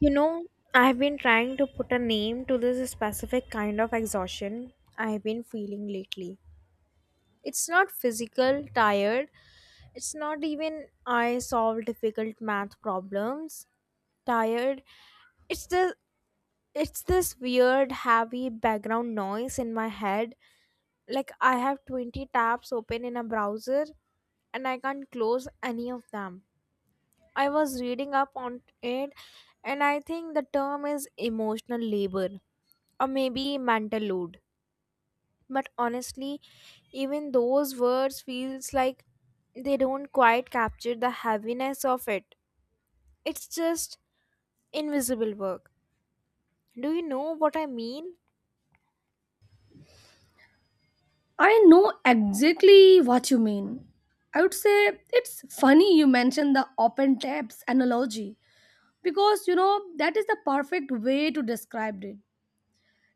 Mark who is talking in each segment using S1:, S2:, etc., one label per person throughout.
S1: You know, I've been trying to put a name to this specific kind of exhaustion I've been feeling lately. It's not physical, tired. It's not even I solve difficult math problems. Tired. It's the it's this weird heavy background noise in my head. Like I have 20 tabs open in a browser, and I can't close any of them. I was reading up on it, and I think the term is emotional labor or maybe mental load. But honestly, even those words feels like they don't quite capture the heaviness of it. It's just invisible work. Do you know what I mean?
S2: I know exactly what you mean. I would say it's funny you mentioned the open tabs analogy because you know that is the perfect way to describe it.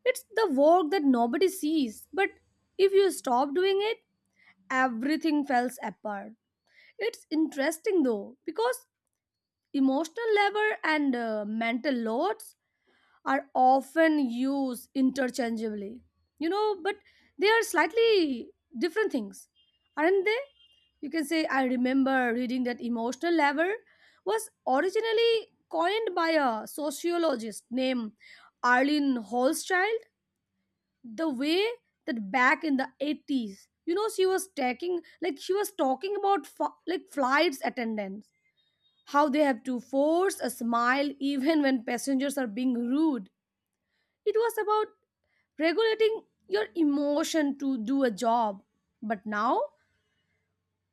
S2: It's the work that nobody sees, but if you stop doing it, everything falls apart. It's interesting though because emotional labor and mental loads are often used interchangeably, you know, but they are slightly different things, aren't they? You can say I remember reading that emotional lever was originally coined by a sociologist named Arlene Holzchild. The way that back in the 80s, you know, she was talking, like she was talking about like flights attendants, how they have to force a smile even when passengers are being rude. It was about regulating your emotion to do a job. But now,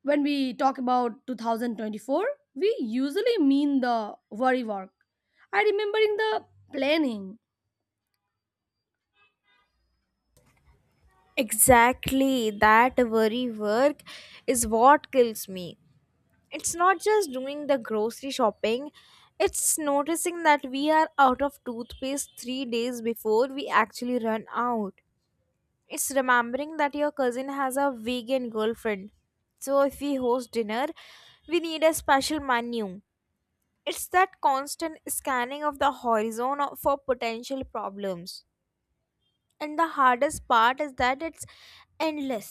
S2: when we talk about 2024, we usually mean the worry work. I remembering the planning.
S1: Exactly, that very work is what kills me. It's not just doing the grocery shopping. It's noticing that we are out of toothpaste 3 days before we actually run out. It's remembering that your cousin has a vegan girlfriend, so if we host dinner we need a special menu. It's that constant scanning of the horizon for potential problems. And the hardest part is that it's endless.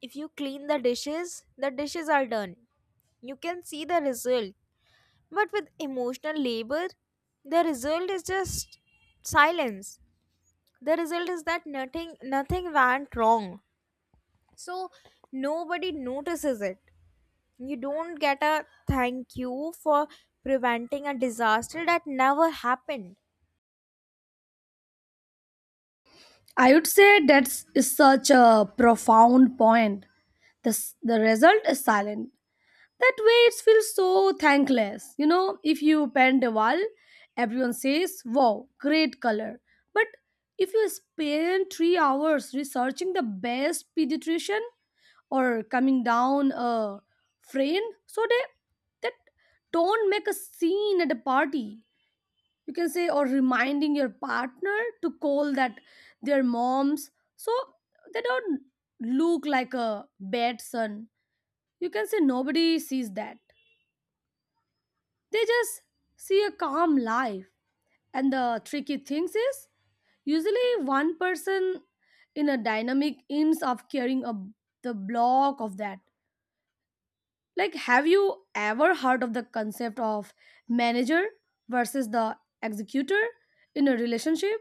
S1: If you clean the dishes, the dishes are done. You can see the result. But with emotional labor, the result is just silence. The result is that nothing went wrong. So nobody notices it. You don't get a thank you for preventing a disaster that never happened.
S2: I would say that's is such a profound point. This the result is silent. That way it feels so thankless. You know, if you paint a wall, everyone says, wow, great color. But if you spend three hours researching the best pediatrician, or coming down a train so they that don't make a scene at a party, you can say, or reminding your partner to call that their moms so they don't look like a bad son, you can say nobody sees that. They just see a calm life. And the tricky thing is usually one person in a dynamic ends up carrying a, the block of that. Like, have you ever heard of the concept of manager versus the executor in a relationship?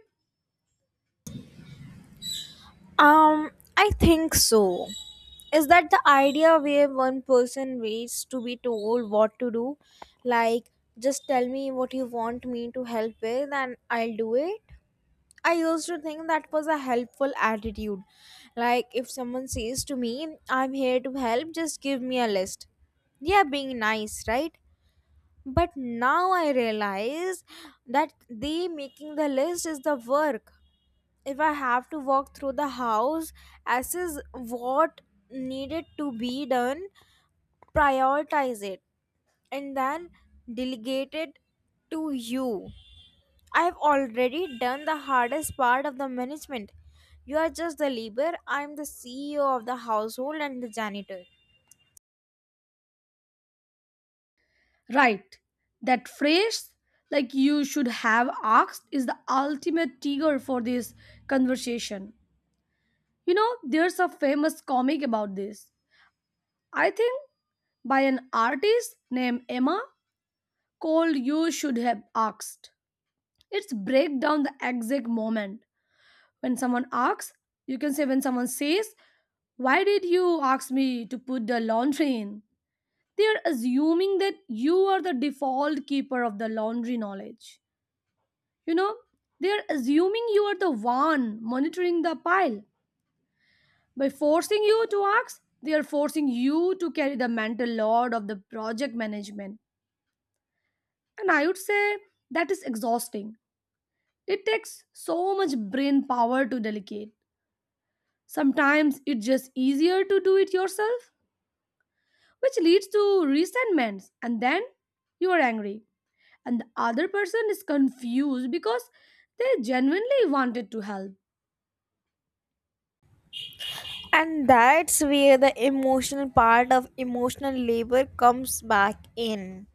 S1: Um I think so. Is that the idea where one person waits to be told what to do? Like, just tell me what you want me to help with and I'll do it. I used to think that was a helpful attitude. Like, if someone says to me, I'm here to help, just give me a list. They are being nice, right? But now I realize that they making the list is the work. If I have to walk through the house, assess what needed to be done, prioritize it, and then delegate it to you, I have already done the hardest part of the management. You are just the labor, I am the CEO of the household and the janitor.
S2: Right. That phrase, like you should have asked, is the ultimate trigger for this conversation. You know, there's a famous comic about this. I think by an artist named Emma called You Should Have Asked. It's break down the exact moment. When someone asks, you can say, when someone says, why did you ask me to put the laundry in? They are assuming that you are the default keeper of the laundry knowledge. You know, they are assuming you are the one monitoring the pile. By forcing you to ask, they are forcing you to carry the mental load of the project management. And I would say that is exhausting. It takes so much brain power to delegate. Sometimes it's just easier to do it yourself, which leads to resentments. And then you are angry and the other person is confused because they genuinely wanted to help.
S1: And that's where the emotional part of emotional labor comes back in.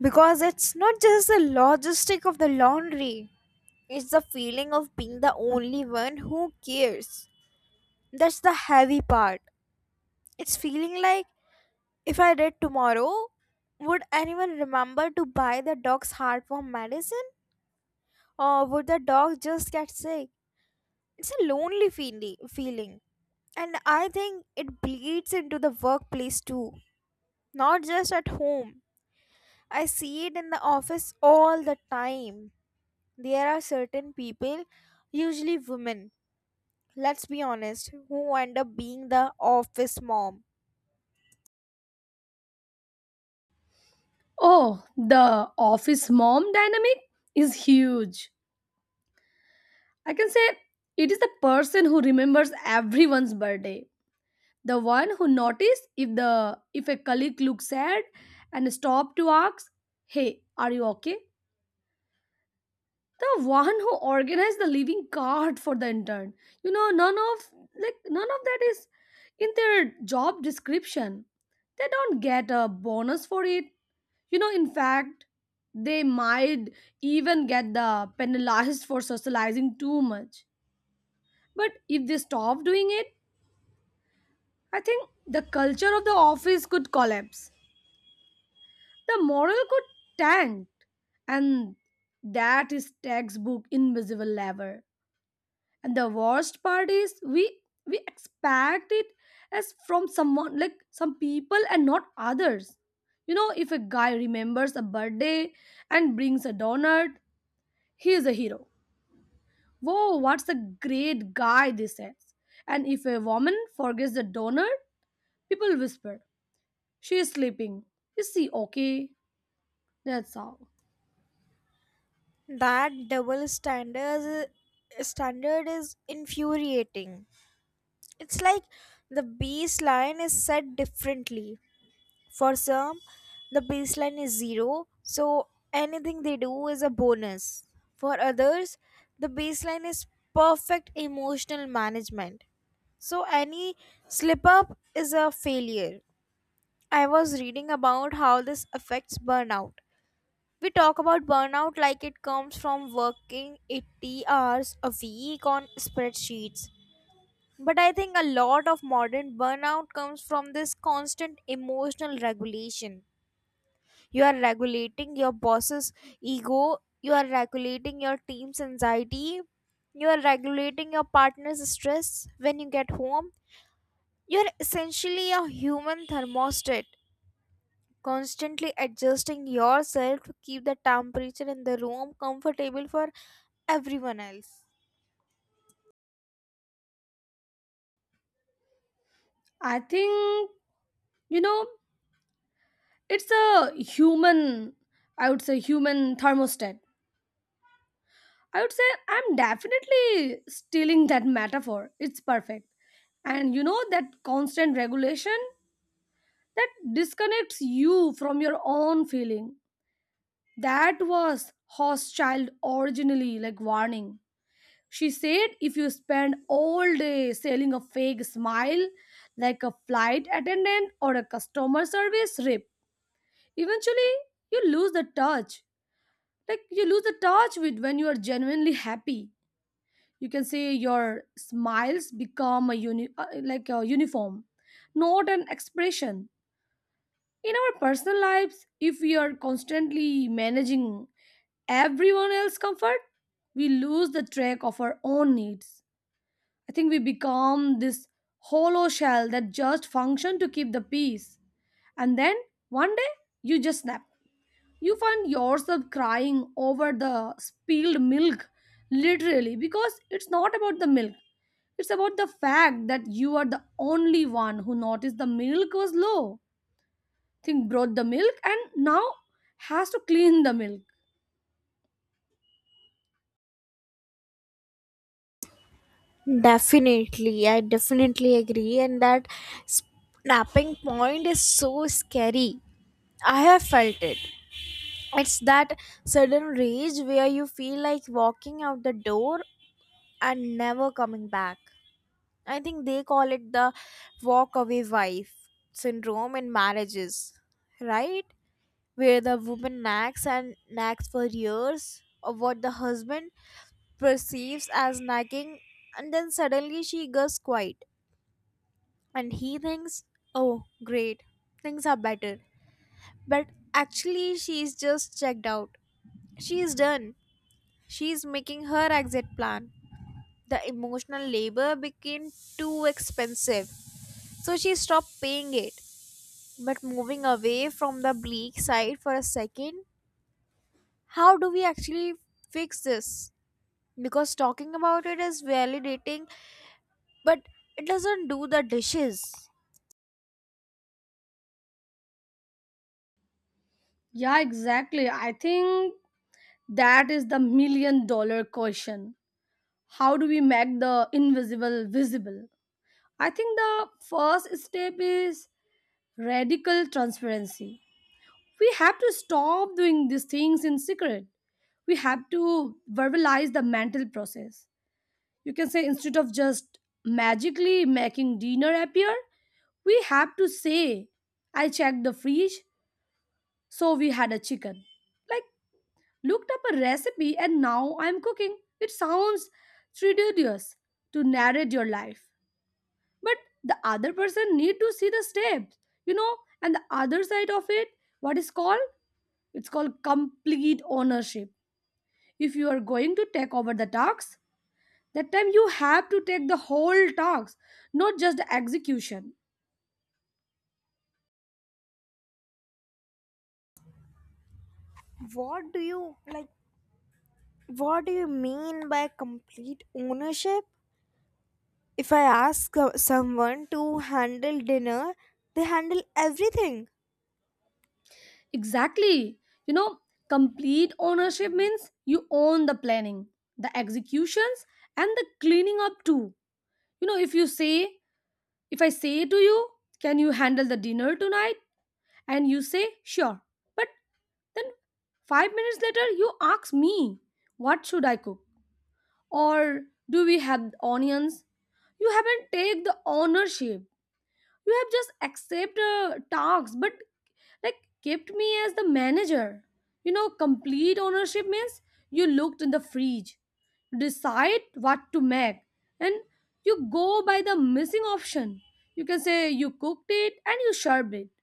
S1: Because it's not just the logistic of the laundry, it's the feeling of being the only one who cares. That's the heavy part. It's feeling like, if I did tomorrow, would anyone remember to buy the dog's heartworm medicine? Or would the dog just get sick? It's a lonely feeling, and I think it bleeds into the workplace too, not just at home. I see it in the office all the time. There are certain people, usually women, let's be honest, who end up being the office mom.
S2: Oh, the office mom dynamic is huge. I can say it is the person who remembers everyone's birthday, the one who noticed if the if a colleague looks sad and stop to ask, hey, are you okay? The one who organized the living card for the intern. You know, none of, like, none of that is in their job description. They don't get a bonus for it. You know, in fact, they might even get the penalized for socializing too much. But if they stop doing it, I think the culture of the office could collapse. The moral could tank. And that is textbook invisible lever. And the worst part is we expect it as from someone, like some people and not others. You know, if a guy remembers a birthday and brings a donut, he is a hero. Whoa, what's a great guy this is. And if a woman forgets the donut, people whisper, she is sleeping, is she okay? That's all.
S1: That double standard is infuriating. It's like the baseline is set differently. For some, the baseline is zero, so anything they do is a bonus. For others, the baseline is perfect emotional management. So any slip up is a failure. I was reading about how this affects burnout. We talk about burnout like it comes from working 80 hours a week on spreadsheets. But I think a lot of modern burnout comes from this constant emotional regulation. You are regulating your boss's ego, you are regulating your team's anxiety, you are regulating your partner's stress when you get home. You're essentially a human thermostat, constantly adjusting yourself to keep the temperature in the room comfortable for everyone else.
S2: I think, you know, it's a human, I would say human thermostat. I would say I'm definitely stealing that metaphor. It's perfect. And you know that constant regulation, that disconnects you from your own feeling. That was Hoss child originally like warning. She said if you spend all day selling a fake smile like a flight attendant or a customer service rep, eventually you lose the touch. Like you lose the touch with when you are genuinely happy. You can say your smiles become a like a uniform, not an expression. In our personal lives, if we are constantly managing everyone else's comfort, we lose the track of our own needs. I think we become this hollow shell that just function to keep the peace. And then one day you just snap. You find yourself crying over the spilled milk, literally, because it's not about the milk. It's about the fact that you are the only one who noticed the milk was low. Think brought the milk and now has to clean the milk.
S1: Definitely, I definitely agree, and that snapping point is so scary. I have felt it. It's that sudden rage where you feel like walking out the door and never coming back. I think they call it the walk away wife syndrome in marriages, right? Where the woman nags and nags for years of what the husband perceives as nagging, and then suddenly she goes quiet and he thinks, oh, great, things are better. But actually, she's just checked out. She is done. She is making her exit plan. The emotional labor became too expensive, so she stopped paying it. But moving away from the bleak side for a second, how do we actually fix this? Because talking about it is validating, but it doesn't do the dishes.
S2: Yeah, exactly. I think that is the million-dollar question. How do we make the invisible visible? I think the first step is radical transparency. We have to stop doing these things in secret. We have to verbalize the mental process. You can say, instead of just magically making dinner appear, we have to say, I checked the fridge, so we had a chicken, like, looked up a recipe and now I'm cooking. It sounds tedious to narrate your life, but the other person need to see the steps, you know. And the other side of it, what is called, it's called complete ownership. If you are going to take over the task, that time you have to take the whole talks, not just the execution.
S1: What do you like? What do you mean by complete ownership? If I ask someone to handle dinner, they handle everything.
S2: Exactly. You know, complete ownership means you own the planning, the executions, and the cleaning up too. You know, if you say, if I say to you, can you handle the dinner tonight? And you say, sure. But then 5 minutes later, you ask me, what should I cook? Or do we have onions? You haven't take the ownership. You have just accept tasks, but like kept me as the manager. You know, complete ownership means you looked in the fridge, decide what to make, and you go by the missing option. You can say you cooked it and you served it.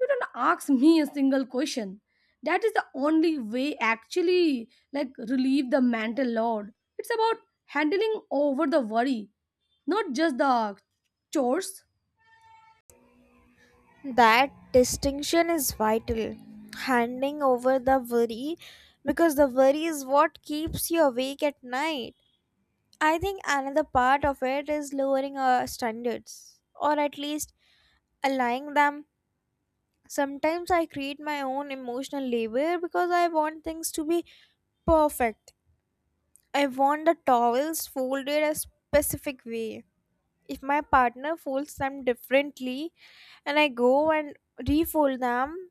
S2: You don't ask me a single question. That is the only way actually like relieve the mental load. It's about handling over the worry, not just the chores.
S1: That distinction is vital. Handing over the worry, because the worry is what keeps you awake at night. I think another part of it is lowering our standards or at least aligning them. Sometimes I create my own emotional labor because I want things to be perfect. I want the towels folded a specific way. If my partner folds them differently and I go and refold them,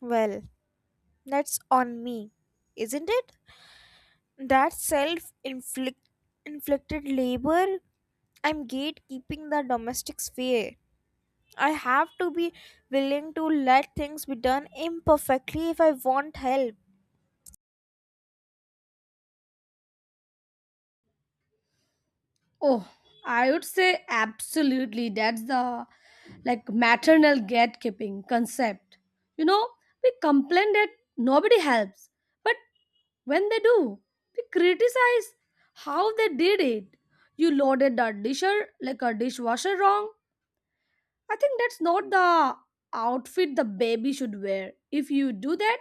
S1: well, that's on me, isn't it? That self inflicted labor. I'm gatekeeping the domestic sphere. I have to be willing to let things be done imperfectly if I want help.
S2: Oh, I would say absolutely. That's the, like, maternal gatekeeping concept. You know, we complain that nobody helps, but when they do, we criticize how they did it. You loaded the disher, like a dishwasher, wrong. I think that's not the outfit the baby should wear. If you do that,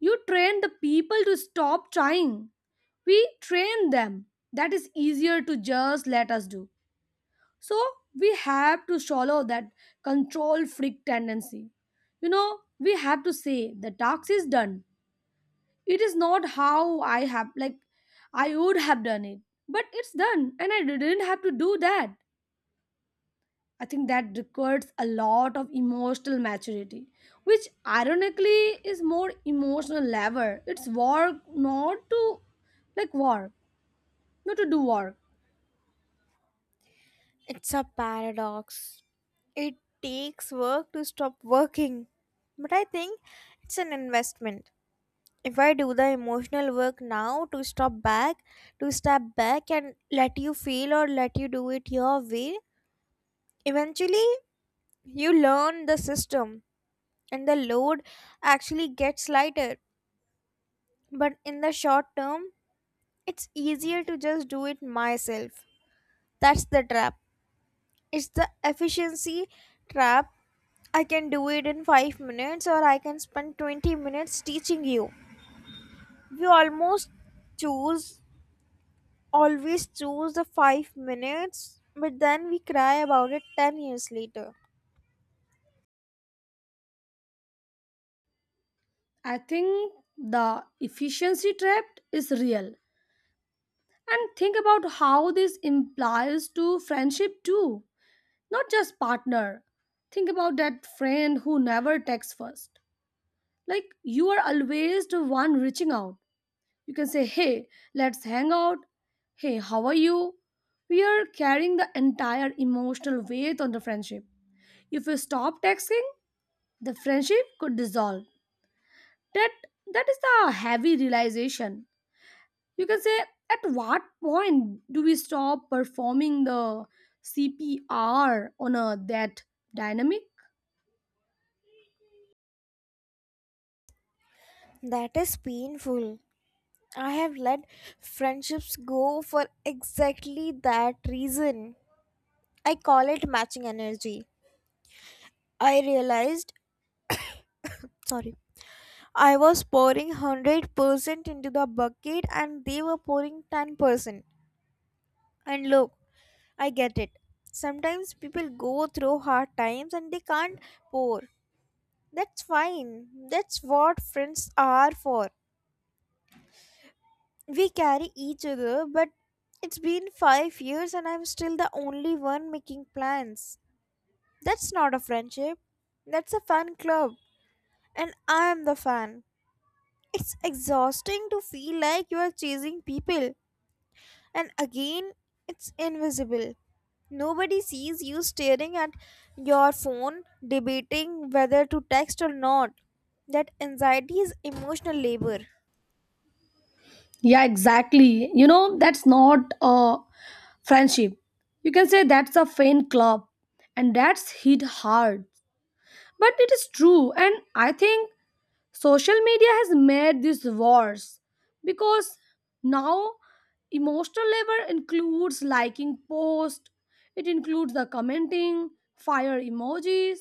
S2: you train the people to stop trying. We train them. That is easier to just let us do. So we have to swallow that control freak tendency. You know, we have to say the task is done. It is not how I have, like I would have done it, but it's done, and I didn't have to do that. I think that requires a lot of emotional maturity, which ironically is more emotional lever. It's work not to, like, work, not to do work.
S1: It's a paradox. It takes work to stop working. But I think it's an investment. If I do the emotional work now to to step back and let you feel or let you do it your way, eventually, you learn the system and the load actually gets lighter. But in the short term, it's easier to just do it myself. That's the trap. It's the efficiency trap. I can do it in 5 minutes or I can spend 20 minutes teaching you. We choose, always choose the 5 minutes, but then we cry about it 10 years later.
S2: I think the efficiency trap is real. And think about how this implies to friendship too, not just partner. Think about that friend who never texts first. Like you are always the one reaching out. You can say, "Hey, let's hang out." "Hey, how are you?" We are carrying the entire emotional weight on the friendship. If you stop texting, the friendship could dissolve. That that is the heavy realization. You can say, at what point do we stop performing the CPR on a that dynamic?
S1: That is painful. I have let friendships go for exactly that reason. I call it matching energy. I realized, sorry, I was pouring 100% into the bucket and they were pouring 10%. And look, I get it. Sometimes people go through hard times and they can't pour. That's fine. That's what friends are for. We carry each other, but it's been 5 years and I'm still the only one making plans. That's not a friendship. That's a fan club. And I am the fan. It's exhausting to feel like you are chasing people. And again, it's invisible. Nobody sees you staring at your phone, debating whether to text or not. That anxiety is emotional labor.
S2: Yeah, exactly. You know, that's not a friendship. You can say that's a fan club, and that's hit hard. But it is true, and I think social media has made this worse because now emotional labor includes liking posts, it includes the commenting, fire emojis,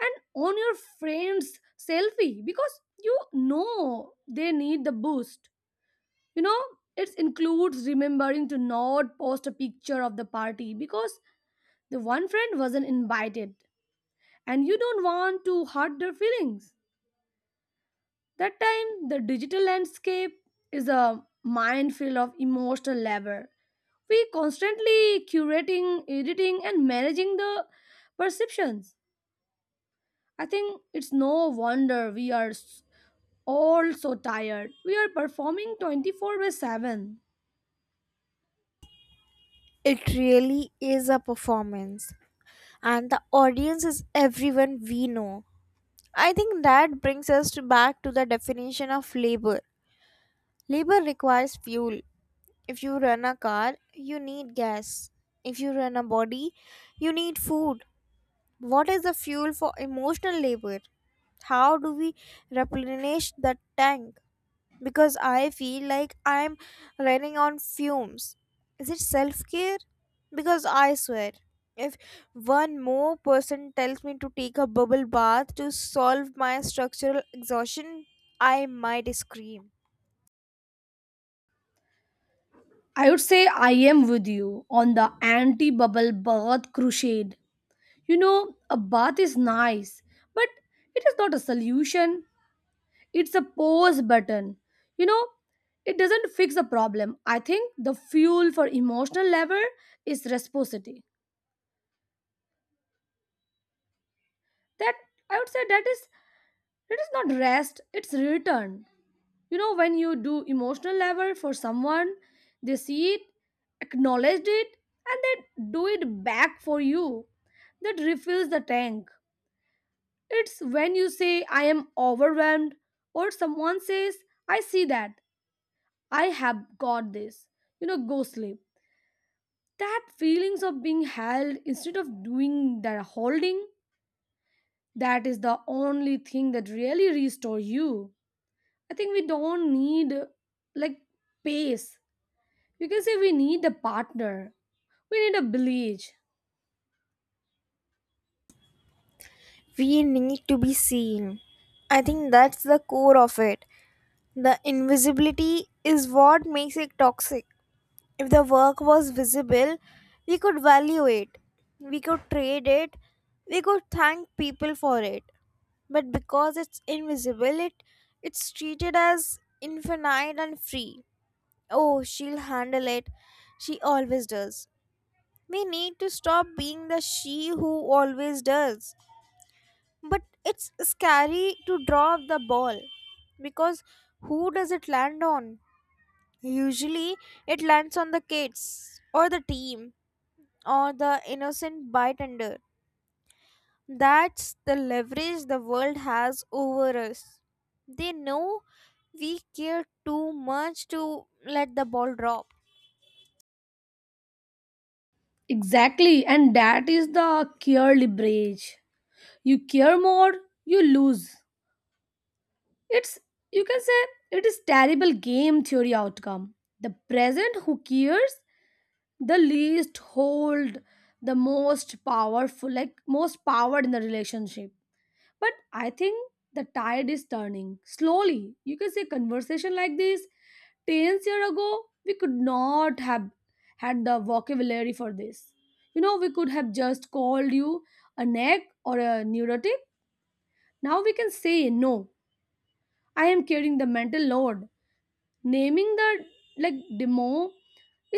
S2: and on your friend's selfie because you know they need the boost. You know, it includes remembering to not post a picture of the party because the one friend wasn't invited and you don't want to hurt their feelings. That time, the digital landscape is a minefield of emotional labor. We constantly curating, editing, and managing the perceptions. I think it's no wonder all so tired. We are performing 24 by 7.
S1: It really is a performance. And the audience is everyone we know. I think that brings us to back to the definition of labor. Labor requires fuel. If you run a car, you need gas. If you run a body, you need food. What is the fuel for emotional labor? How do we replenish the tank? Because I feel like I'm running on fumes. Is it self care? Because I swear, if one more person tells me to take a bubble bath to solve my structural exhaustion, I might scream.
S2: I would say I am with you on the anti bubble bath crusade. You know, a bath is nice, but it is not a solution. It's a pause button. You know, it doesn't fix the problem. I think the fuel for emotional labor is reciprocity. That I would say that is not rest, it's return. You know, when you do emotional labor for someone, they see it, acknowledged it, and they do it back for you. That refills the tank. It's when you say I am overwhelmed or someone says I see that. I have got this. You know, go sleep. That feelings of being held instead of doing that holding, that is the only thing that really restore you. I think we don't need like pace. You can say we need a partner, we need a village.
S1: We need to be seen. I think that's the core of it. The invisibility is what makes it toxic. If the work was visible, we could value it, we could trade it, we could thank people for it. But because it's invisible, it's treated as infinite and free. Oh, she'll handle it. She always does. We need to stop being the she who always does, but it's scary to drop the ball, because who does it land on? Usually it lands on the kids or the team or the innocent bystander. That's the leverage the world has over us. They know we care too much to let the ball drop.
S2: Exactly. And that is the care leverage. You care more, you lose. It's, you can say, it is terrible game theory outcome. The present who cares the least hold the most powerful, like most power in the relationship. But I think the tide is turning slowly. You can say conversation like this 10 years ago, we could not have had the vocabulary for this. You know, we could have just called you a neck or a neurotic. Now we can say, no, I am carrying the mental load. Naming the, like, demo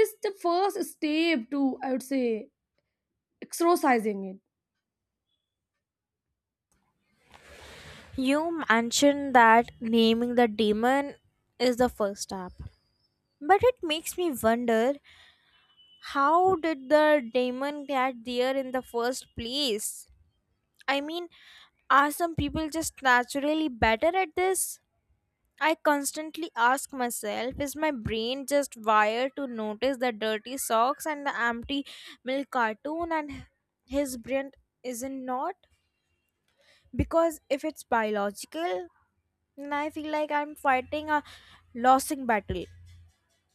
S2: is the first step to, I would say, exorcising it.
S1: You mentioned that naming the demon is the first step. But it makes me wonder, how did the demon get there in the first place? I mean, are some people just naturally better at this? I constantly ask myself, is my brain just wired to notice the dirty socks and the empty milk cartoon and his brain isn't not? Because if it's biological, then I feel like I'm fighting a losing battle.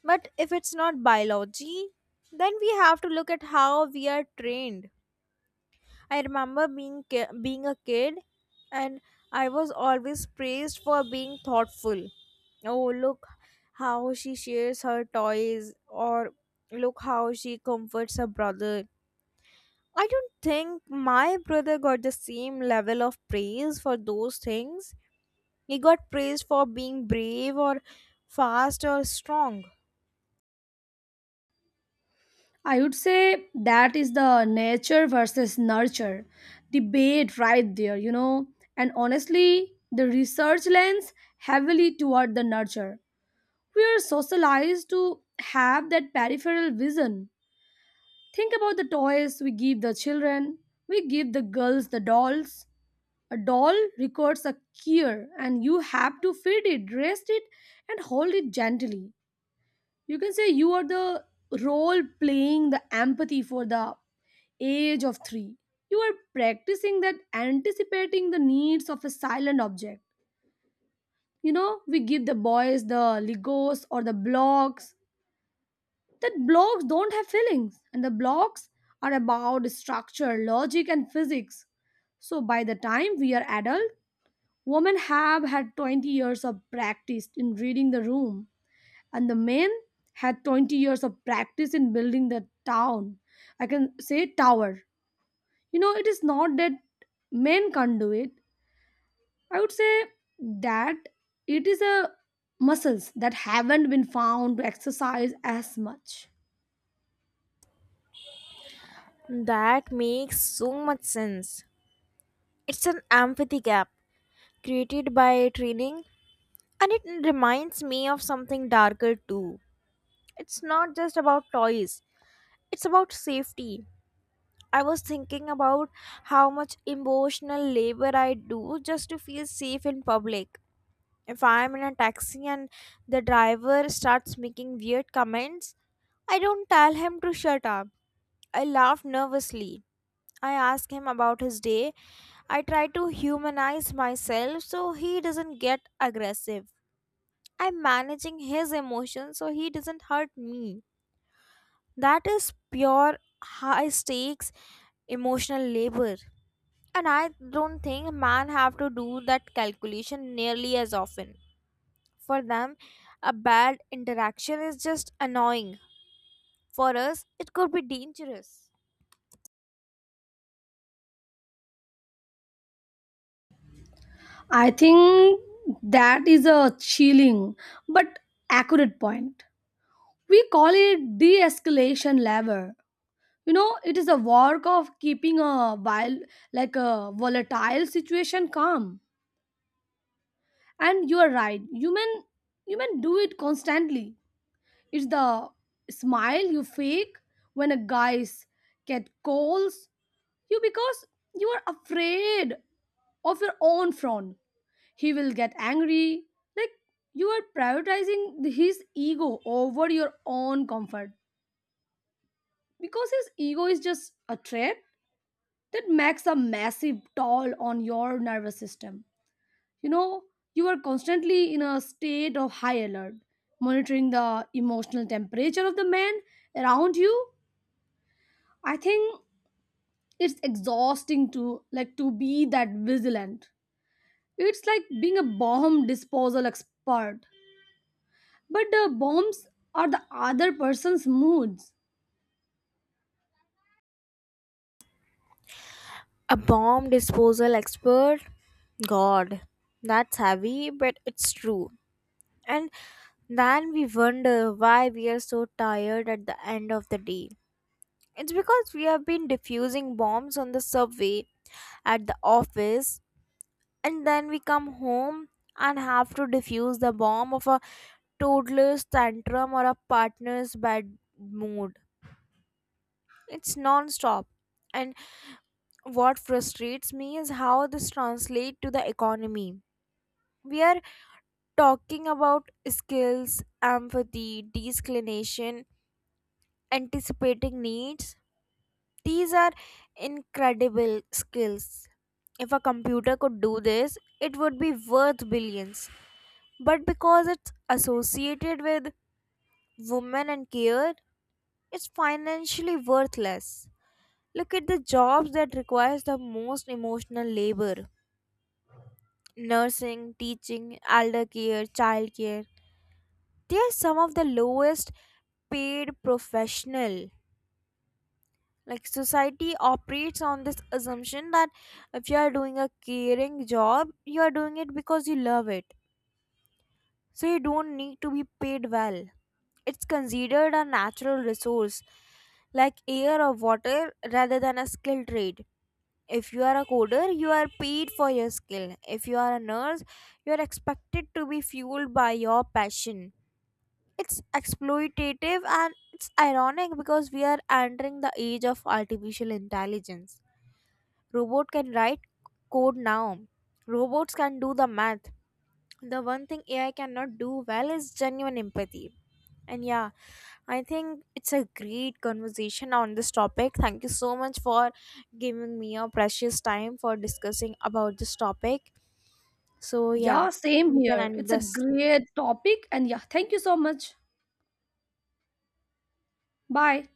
S1: But if it's not biology, then we have to look at how we are trained. I remember being a kid, and I was always praised for being thoughtful. Oh, look how she shares her toys, or look how she comforts her brother. I don't think my brother got the same level of praise for those things. He got praised for being brave or fast or strong.
S2: I would say that is the nature versus nurture debate right there, you know. And honestly, the research lends heavily toward the nurture. We are socialized to have that peripheral vision. Think about the toys we give the children. We give the girls the dolls. A doll requires a care, and you have to feed it, dress it, and hold it gently. You can say you are the role playing the empathy for the age of three. You are practicing that anticipating the needs of a silent object. You know, we give the boys the Legos or the blocks. That blocks don't have feelings, and the blocks are about structure, logic, and physics. So by the time we are adult, women have had 20 years of practice in reading the room, and the men had 20 years of practice in building the town, I can say tower. You know, it is not that men can't do it. I would say that it is a muscles that haven't been found to exercise as much.
S1: That makes so much sense. It's an empathy gap created by training. And it reminds me of something darker too. It's not just about toys, it's about safety. I was thinking about how much emotional labor I do just to feel safe in public. If I'm in a taxi and the driver starts making weird comments, I don't tell him to shut up. I laugh nervously. I ask him about his day. I try to humanize myself so he doesn't get aggressive. I'm managing his emotions so he doesn't hurt me. That is pure high stakes emotional labor. And I don't think man have to do that calculation nearly as often. For them, a bad interaction is just annoying. For us, it could be dangerous.
S2: I think that is a chilling but accurate point. We call it de-escalation lever. You know, it is a work of keeping a, while like a, volatile situation calm. And you are right, human do it constantly. It's the smile you fake when a guy's cat calls you, because you are afraid of your own frown he will get angry. Like, you are prioritizing his ego over your own comfort, because his ego is just a trap that makes a massive toll on your nervous system. You know, you are constantly in a state of high alert, monitoring the emotional temperature of the man around you. I think it's exhausting to, like, to be that vigilant. It's like being a bomb disposal expert, but the bombs are the other person's moods.
S1: A bomb disposal expert? God, that's heavy, but it's true. And then we wonder why we are so tired at the end of the day. It's because we have been diffusing bombs on the subway, at the office, and then we come home and have to diffuse the bomb of a toddler's tantrum or a partner's bad mood. It's non-stop. And what frustrates me is how this translates to the economy. We are talking about skills, empathy, disclination, anticipating needs. These are incredible skills. If a computer could do this, it would be worth billions. But because it's associated with women and care, it's financially worthless. Look at the jobs that requires the most emotional labor. Nursing, teaching, elder care, child care. They are some of the lowest paid professional. Like society operates on this assumption that if you are doing a caring job, you are doing it because you love it, so you don't need to be paid well. It's considered a natural resource like air or water rather than a skill trade. If you are a coder, you are paid for your skill. If you are a nurse, you are expected to be fueled by your passion. It's exploitative and it's ironic because we are entering the age of artificial intelligence. Robot can write code now. Robots can do the math. The one thing AI cannot do well is genuine empathy, and yeah, I think it's a great conversation on this topic. Thank you so much for giving me your precious time for discussing about this topic. So yeah,
S2: Yeah, same
S1: we can
S2: here.
S1: end
S2: It's a
S1: this.
S2: great topic. And yeah, thank you so much. Bye.